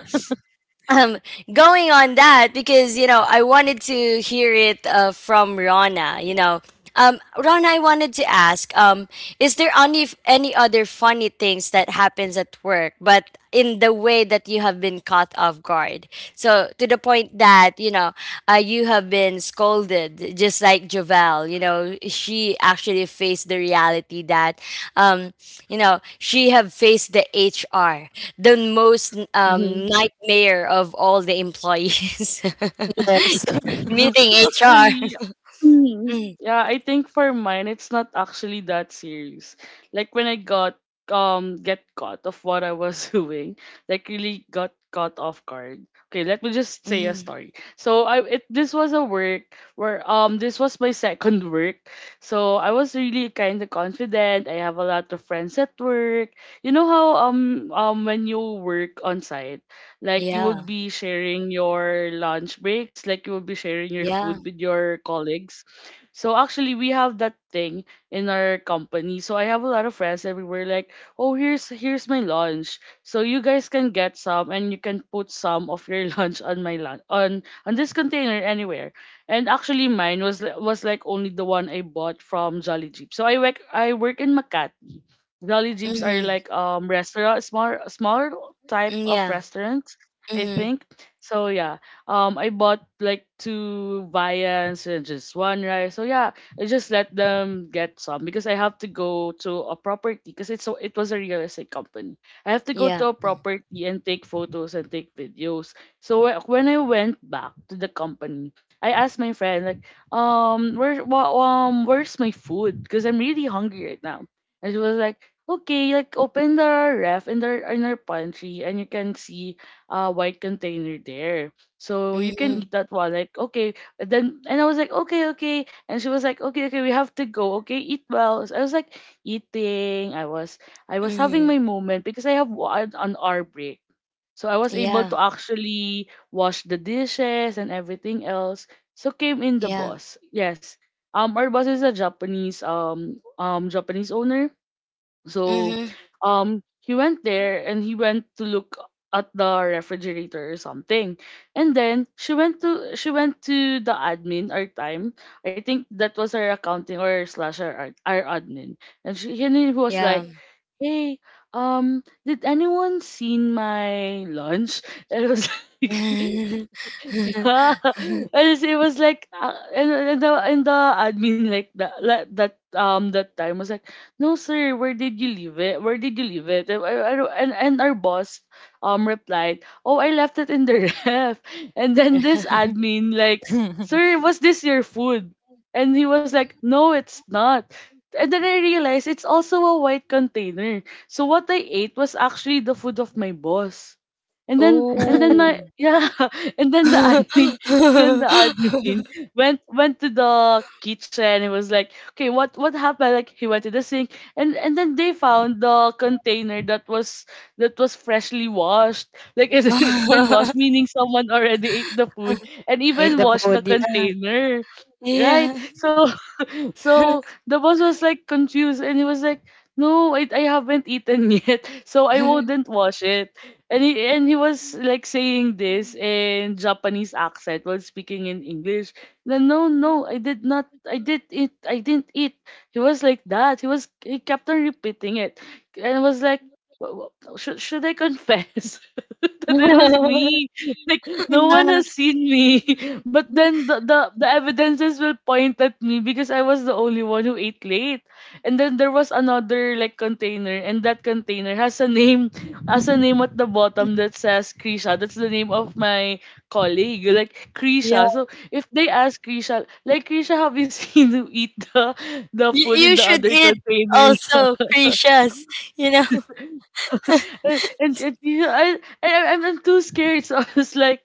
um going on that, because you know I wanted to hear it, uh, from Rana, you know, um Rana, I wanted to ask, um is there any any other funny things that happens at work but in the way that you have been caught off guard, so to the point that you know, uh, you have been scolded just like Jovel. You know, she actually faced the reality that um you know she have faced the HR, the most Mhm. um, nightmare of all the employees, Yes. meeting Actu- H R. Actually, mm, Mm, yeah, I think for mine it's not actually that serious. Like when I got, um get caught of what I was doing, like, really got caught off guard. Okay, let me just say a mhm. story. So I it this was a work where, um this was my second work. So I was really kind of confident. I have a lot of friends at work. You know how, um um when you work on site, like, you will Yeah, be sharing your lunch breaks, like, you will be sharing your food yeah, with your colleagues. So actually we have that thing in our company. So I have a lot of friends everywhere, like, "Oh, here's here's my lunch. So you guys can get some and you can put some of your lunch on my lunch on on this container anywhere." And actually mine was, li- was like only the one I bought from Jolly Jeep. So I work I work in Makati. Jolly Jeeps are mm-hmm. like, um restaurant, small smaller type Mm, of yeah, restaurants, I mm-hmm. think. So yeah. Um I bought like two viands and just one rice. So yeah, I just let them get some because I have to go to a property, because it's so it was a real estate company. I have to go to Yeah, a property and take photos and take videos. So wh- when I went back to the company, I asked my friend, like, um where wha- um where's my food, because I'm really hungry right now. And she was like, okay, like, open the ref in the in our pantry and you can see a white container there. So you mm-hmm. can eat that one. Like, okay. And then and I was like, okay, okay. And she was like, okay, okay, we have to go. Okay, eat well. So I was like eating. I was I was having Mm-hmm. my moment because I have one an hour break. So I was able Yeah, to actually wash the dishes and everything else. So came in the yeah, boss. Yes. Um, our boss is a Japanese, um um Japanese owner. So, mm-hmm. um he went there and he went to look at the refrigerator or something. And then she went to she went to the admin our time. I think that was our accounting, or slash our, art- our admin. And she and he was like, Um. hey, um, did anyone seen my lunch? And I was like, yeah, and it's- it was like, uh, and, and the and the admin, like that, like, that um that time was like, no sir, where did you leave it? Where did you leave it? And, I- I don't- and and our boss, um replied, oh, I left it in the ref. And then this admin, like, sir, was this your food? And he was like, no, it's not. And then I realized it's also a white container. So what I ate was actually the food of my boss. And then and then my Ooh. yeah and then the admin then the admin went went to the kitchen and was like, okay, what what happened? Like he went to the sink, and and then they found the container that was that was freshly washed. Like, it's, it's been washed, meaning someone already ate the food and Ate even the washed the food. Yeah. container. yeah. Right? yeah. So so the boss was like confused and he was like, no, I, I haven't eaten yet, so I wouldn't wash it. And he and he was like saying this in Japanese accent while speaking in English. Then, no, no, I did not, I did it I didn't eat. He was like that. He was he kept on repeating it. And I was like, "Wha- wha- should, should I confess that it was me? Like no one Yeah. has seen me. But then the, the the evidences will point at me because I was the only one who ate late. And then there was another, like, container, and that container has a name, has a name at the bottom that says Krisha. That's the name of my colleague. Like, You, Krisha. So if they ask Krisha, like, Krisha, have you seen who eat the the food in you the should other eat container?" also creatures, you know. And, and, and you know, I, I I'm, I'm too scared. So I was like,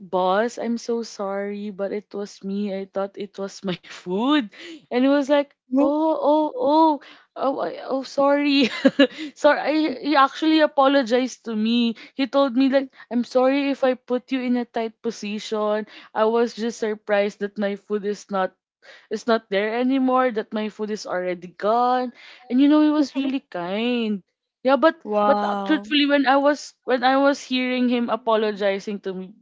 boss, I'm so sorry, but it was me. I thought it was my food. And he was like, Mhm. oh, oh, oh, oh, I- oh, sorry. So I, he actually apologized to me. He told me like, "I'm sorry if I put you in a tight position. I was just surprised that my food is not is not there anymore. That my food is already gone." And you know, he was really kind. Yeah, but but uh, Wow. truthfully, when I was when I was hearing him apologizing to me,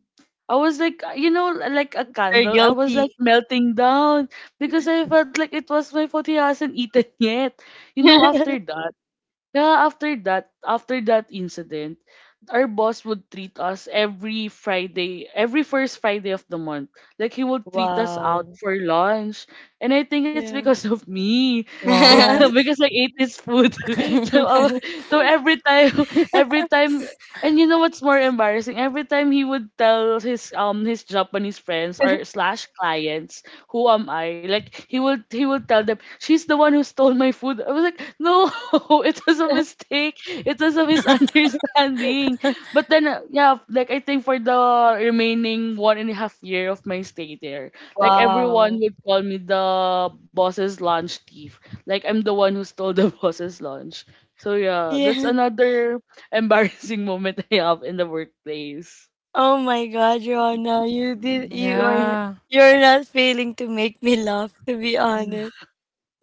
I was like, uh, you know, like a You're candle. I was like guilty. melting down because I felt like it was my fault he hasn't eaten yet. You know, after that. Yeah, after that, after that incident, our boss would treat us every Friday, every first Friday of the month. Like he would treat us out Wow. for lunch. And I think it's Yeah. because Wow. of me. Yeah, because I ate his food. So, I wa- so every time every time and you know what's more embarrassing? Every time he would tell his, um his Japanese friends or slash clients, who am I? Like he would he would tell them, she's the one who stole my food. I was like, no, it was a mistake. It was a misunderstanding. But then, uh, yeah, like, I think for the remaining one and a half year of my stay there, like, everyone Wow. would call me the boss's lunch thief. Like, I'm the one who stole the boss's lunch. So yeah, that's Yeah. another embarrassing moment I have in the workplace. Oh my God, Rona, you did, Mm. you Yeah. are, you're not failing to make me laugh, to be Yeah. honest.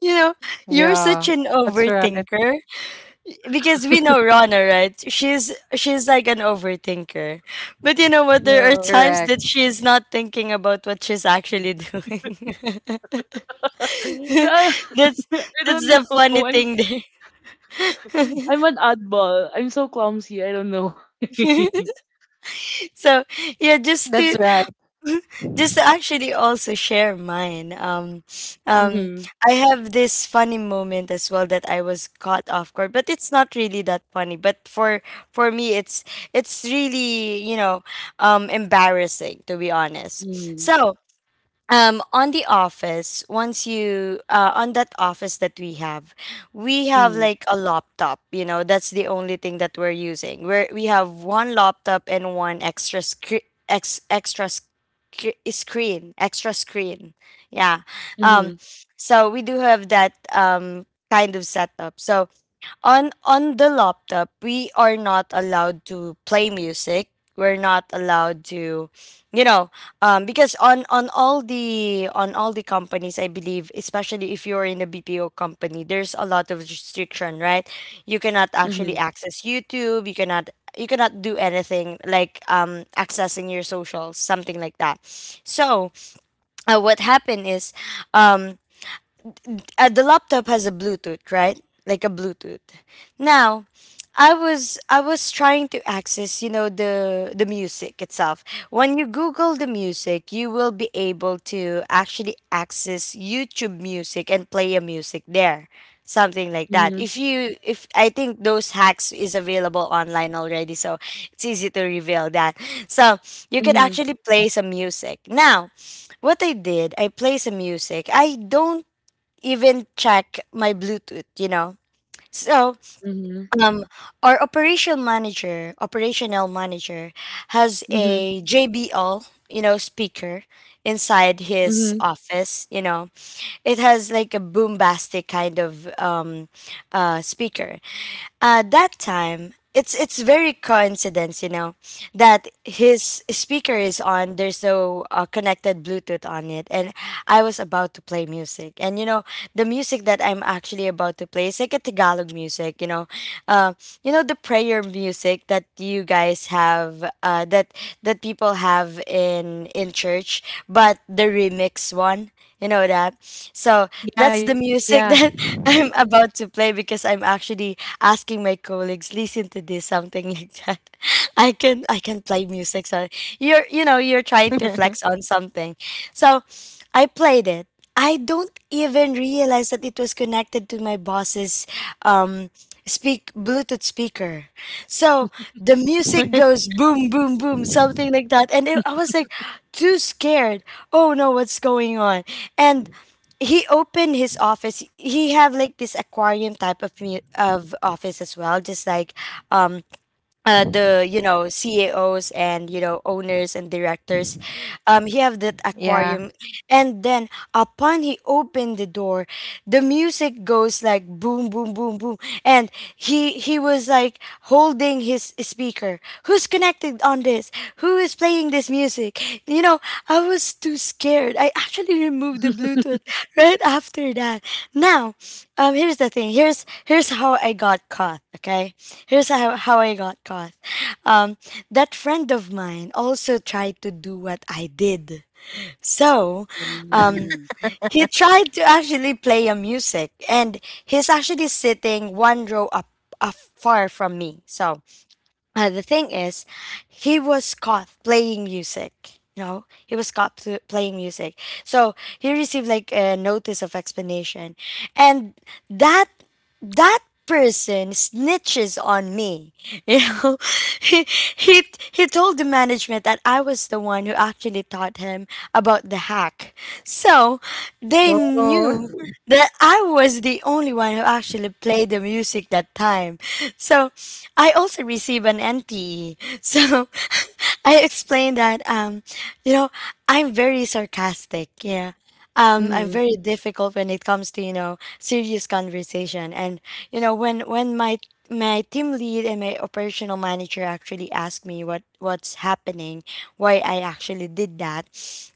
You know, you're Yeah. such an That's right. overthinker. Because we know Rona, right? She's she's like an overthinker. But you know what? There are Correct. times that she is not thinking about what she's actually doing. Yeah. that's I that's don't the know. funny I'm thing there. I'm an oddball. I'm so clumsy. I don't know. so That's yeah, right. just to just to actually also share mine, um um Mhm. I have this funny moment as well that I was caught off guard, but it's not really that funny, but for for me it's it's really, you know, um embarrassing to be honest. Mhm. So um, on the office, once you uh, on that office that we have, we have like a laptop. You know, that's the only thing that we're using, where we have one laptop and one extra screen, ex- extra sc- screen, extra screen. Yeah. Um. Mhm. So we do have that um kind of setup. So on on the laptop, we are not allowed to play music, we're not allowed to, you know, um because on on all the, on all the companies, I believe, especially if you're in a BPO company, there's a lot of restriction, right? You cannot actually Mhm. access YouTube, you cannot, you cannot do anything like um accessing your socials, something like that. So uh, what happened is, um uh, the laptop has a Bluetooth, right, like a Bluetooth. Now, I was I was trying to access, you know, the the music itself. When you Google the music, you will be able to actually access YouTube music and play a music there. Something like that. Mhm. If you, if I think those hacks is available online already, so it's easy to reveal that. So you could Mhm. actually play some music. Now, what I did, I play some music. I don't even check my Bluetooth, you know. So Mhm. um, our operational manager, operational manager, has Mhm. a J B L, you know, speaker inside his Mhm. office. You know, it has like a boombastic kind of um, uh, speaker. Uh, that time, it's it's very coincidence, you know, that his speaker is on. There's no uh, connected Bluetooth on it, and I was about to play music, and you know, the music that I'm actually about to play is like a Tagalog music, you know, uh, you know the prayer music that you guys have uh, that that people have in in church, but the remix one, you know that. So Yeah, that's yeah. the music that I'm about to play because I'm actually asking my colleagues, listen to this, something like that. i can i can play music. So you're you know you're trying to flex on something. So I played it. I don't even realize that it was connected to my boss's um, speak Bluetooth speaker. So the music goes boom, boom, boom, something like that. And it, I was like too scared. Oh no, what's going on? And he opened his office. He have like this aquarium type of mu- of office as well, just like um uh, the, you know, C E Os and, you know, owners and directors. Um, he have that Yeah. aquarium, and then upon he opened the door, the music boom, and he he was like holding his speaker who's connected on this, who is playing this music, you know. I was too scared. I actually removed the Bluetooth right after that. Now, um here's the thing. Here's here's how I got caught. Okay, here's how, how I got caught. um that friend of mine also tried to do what I did. So Mhm. um. Mhm. he tried to actually play a music, and he's actually sitting one row up, up far from me. So uh, the thing is, he was caught playing music. You know, he was caught pl- playing music. So he received like a notice of explanation, and that that person snitches on me. You know, he, he he told the management that I was the one who actually taught him about the hack. So they knew Oh. that I was the one who actually played the music that time. So I also te so I explained that, um, you know, I'm very sarcastic. Yeah. Um, I'm Mhm. very difficult when it comes to, you know, serious conversation. And, you know, when when my my team lead and my operational manager actually asked me what what's happening, why I actually did that,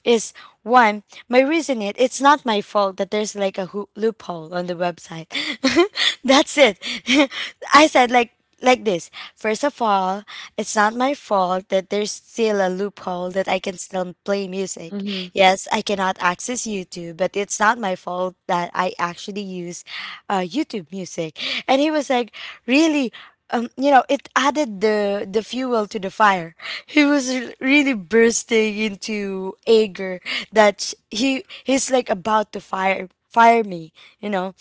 is one, my reason, it it's not my fault that there's like a hoo- loophole on the website. That's it. I said like like this. First of all, it's not my fault that there's still a loophole that I can still play music. Yes, I cannot access YouTube, but it's not my fault that I actually use uh, YouTube music. And he was like, really. Um, you know, it added the the fuel to the fire. He was r- really bursting into anger, that he he's like about to fire fire me, you know.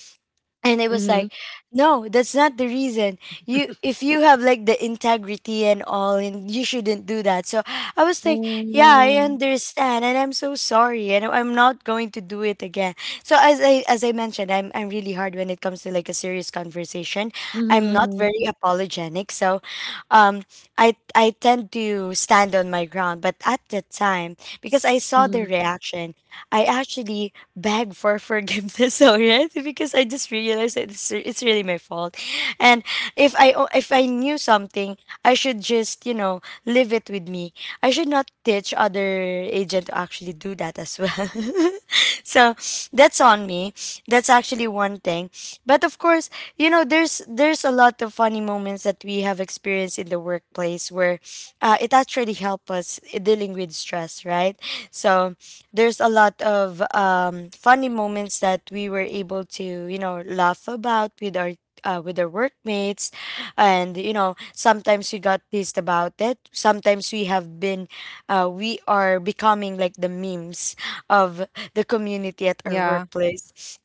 And it Mhm. was Mhm. like, Mhm. no, that's not the reason. You if you have like the integrity and all, and you shouldn't do that. So I was like, yeah, I Mhm. understand and I'm so sorry and I'm not going to do it again. So as i as I mentioned, i'm I'm really hard when it comes to like a serious conversation. I'm not Mhm. very apologetic. So um, I I tend to stand on my ground. But at that time, because I saw the Mhm. reaction, I actually begged for forgiveness already because I just realized that it's it's really my fault. And if I o- if I knew something, I should just, you know, leave it with me. I should not teach other agent to actually do that as well. So that's on me. That's actually one thing. But of course, you know, there's there's a lot of funny moments that we have experienced in the workplace where uh, it actually helped us i- dealing with stress, right? So there's a lot of um, funny moments that we were able to, you know, laugh about with our uh, with our workmates. And you know, sometimes we got pissed about it, sometimes we have been, uh, we are becoming like the memes of the Yeah. community at our workplace.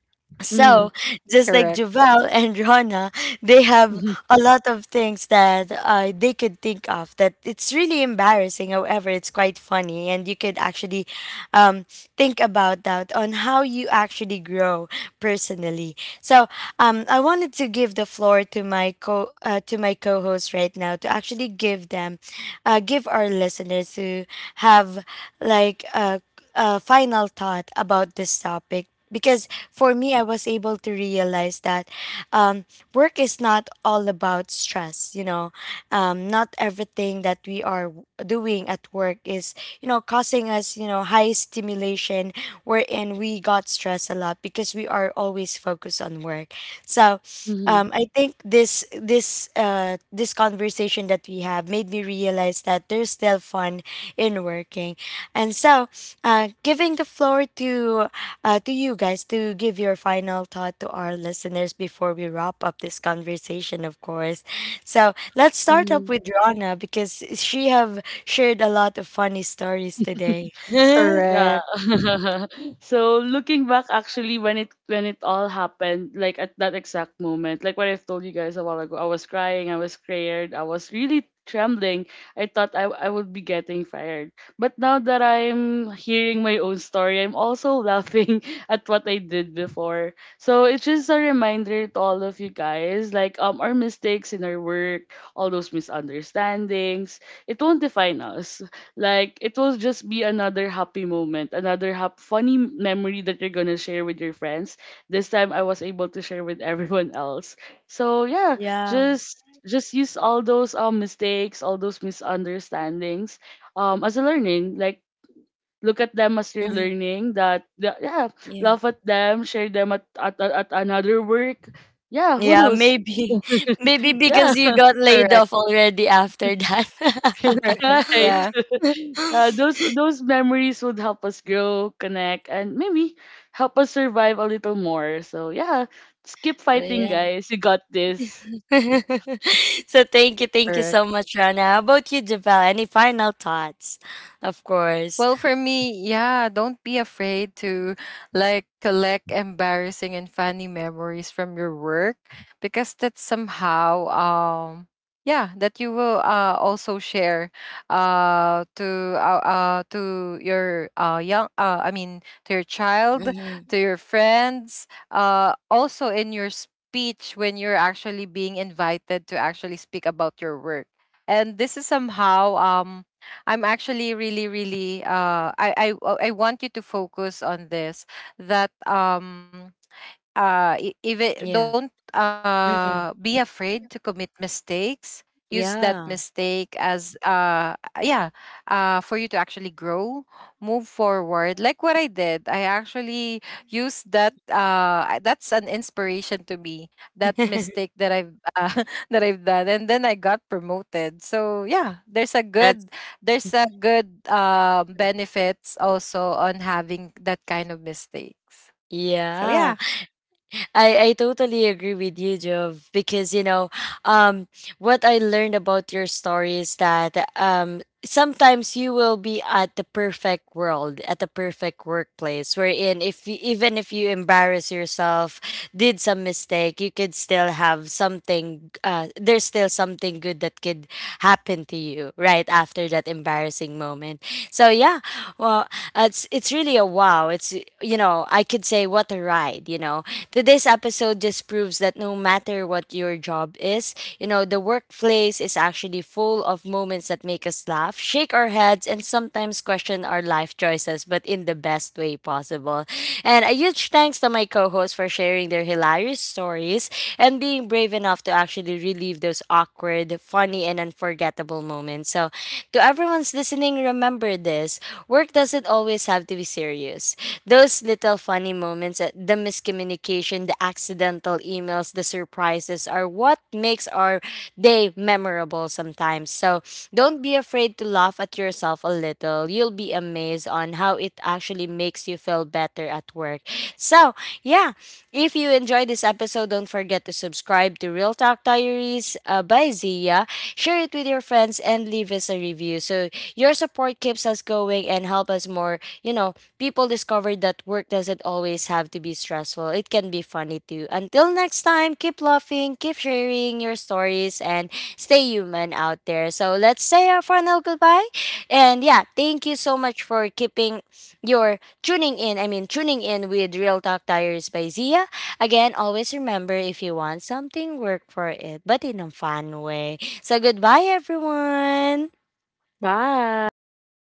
So, Mhm. Correct. just like Javel and Rona, they have Mhm. a lot of things that uh, they could think of that it's really embarrassing. However, it's quite funny, and you could actually um, think about that on how you actually grow personally. So, um, I wanted to give the floor to my co uh, to my co-host right now to actually give them, uh, give our listeners to have like a, a final thought about this topic because for me, I was able to realize that, um, work is not all about stress. You know, um, not everything that we are w- doing at work is, you know, causing us, you know, high stimulation wherein we got stressed a lot because we are always focused on work. So Mhm. um, I think this this uh, this conversation that we have made me realize that there's still fun in working, and so uh, giving the floor to uh, to you guys to give your final thought to our listeners before we wrap up this conversation, of course. So let's start up Mhm. with Rana because she have shared a lot of funny stories today. Yeah. Correct. So looking back, actually, when it when it all happened, like at that exact moment, like what I've told you guys a while ago, I was crying, I was scared, I was really trembling. I thought I I would be getting fired. But now that I'm hearing my own story, I'm also laughing at what I did before. So it's just a reminder to all of you guys, like, um our mistakes in our work, all those misunderstandings, it won't define us. Like, it will just be another happy moment, another hap- funny memory that you're gonna share with your friends. This time I was able to share with everyone else. So yeah, Yeah. just just use all those, um mistakes, all those misunderstandings, um as a learning. Like, look at them as you're Mhm. learning that the- yeah, Yeah. laugh at them, share them at at, at at another work. Yeah, who Yeah, knows? maybe, maybe Yeah. because you got Correct. laid off already after that. Correct. Right. Yeah. Uh, those those memories would help us grow, connect, and maybe help us survive a little more. So yeah, just keep So, fighting, yeah. guys. You got this. So thank you, thank you Correct. so much, Rana. How about you, Javel? Any final thoughts? Of course. Well, for me, yeah, don't be afraid to like collect embarrassing and funny memories from your work, because that's somehow, um, yeah, that you will uh also share uh to uh, uh to your uh young uh I mean, to your child, Mhm. to your friends, uh also in your speech when you're actually being invited to actually speak about your work. And this is somehow, um, I'm actually really, really, uh I I I want you to focus on this, that um, uh i- if it Yeah. don't, uh be Mhm. afraid to commit mistakes. Use that Yeah. mistake as, uh yeah, uh for you to actually grow, move forward. Like what I did, I actually used that, uh I- that's an inspiration to me, that mistake that I've, uh, that I've done, and then I got promoted. So yeah, there's a That's good, there's a good, um, benefits also on having that kind of mistakes. So yeah. yeah. I, I totally agree with you, Jove, because you know, um, what I learned about your story is that, um, sometimes you will be at the perfect world, at the perfect workplace, wherein if you, even if you embarrass yourself, did some mistake, you could still have something. Uh, there's still something good that could happen to you right after that embarrassing moment. So yeah, well, it's it's really a wow. It's, you know, I could say what a ride, you know. Today's episode just proves that no matter what your job is, you know, the workplace is actually full of moments that make us laugh, shake our heads, and sometimes question our life choices, but in the best way possible. And a huge thanks to my co hosts for sharing their hilarious stories and being brave enough to actually relive those awkward, funny, and unforgettable moments. So, to everyone's listening, remember this, work doesn't always have to be serious. Those little funny moments, uh, the miscommunication, the accidental emails, the surprises are what makes our day memorable sometimes. So don't be afraid to laugh at yourself a little. You'll be amazed on how it actually makes you feel better at work. So, yeah, if you enjoyed this episode, don't forget to subscribe to Real Talk Diaries uh, by Zia. Share it with your friends and leave us a review. So your support keeps us going and help us more, you know, people discovered that work doesn't always have to be stressful. It can be funny too. Until next time, keep laughing, keep sharing your stories, and stay human out there. So let's say our final goodbye. And yeah, thank you so much for keeping your tuning in. I mean, tuning in with Real Talk Tires by Zia. Again, always remember if you want something, work for it, but in a fun way. So goodbye, everyone. Bye. Bye.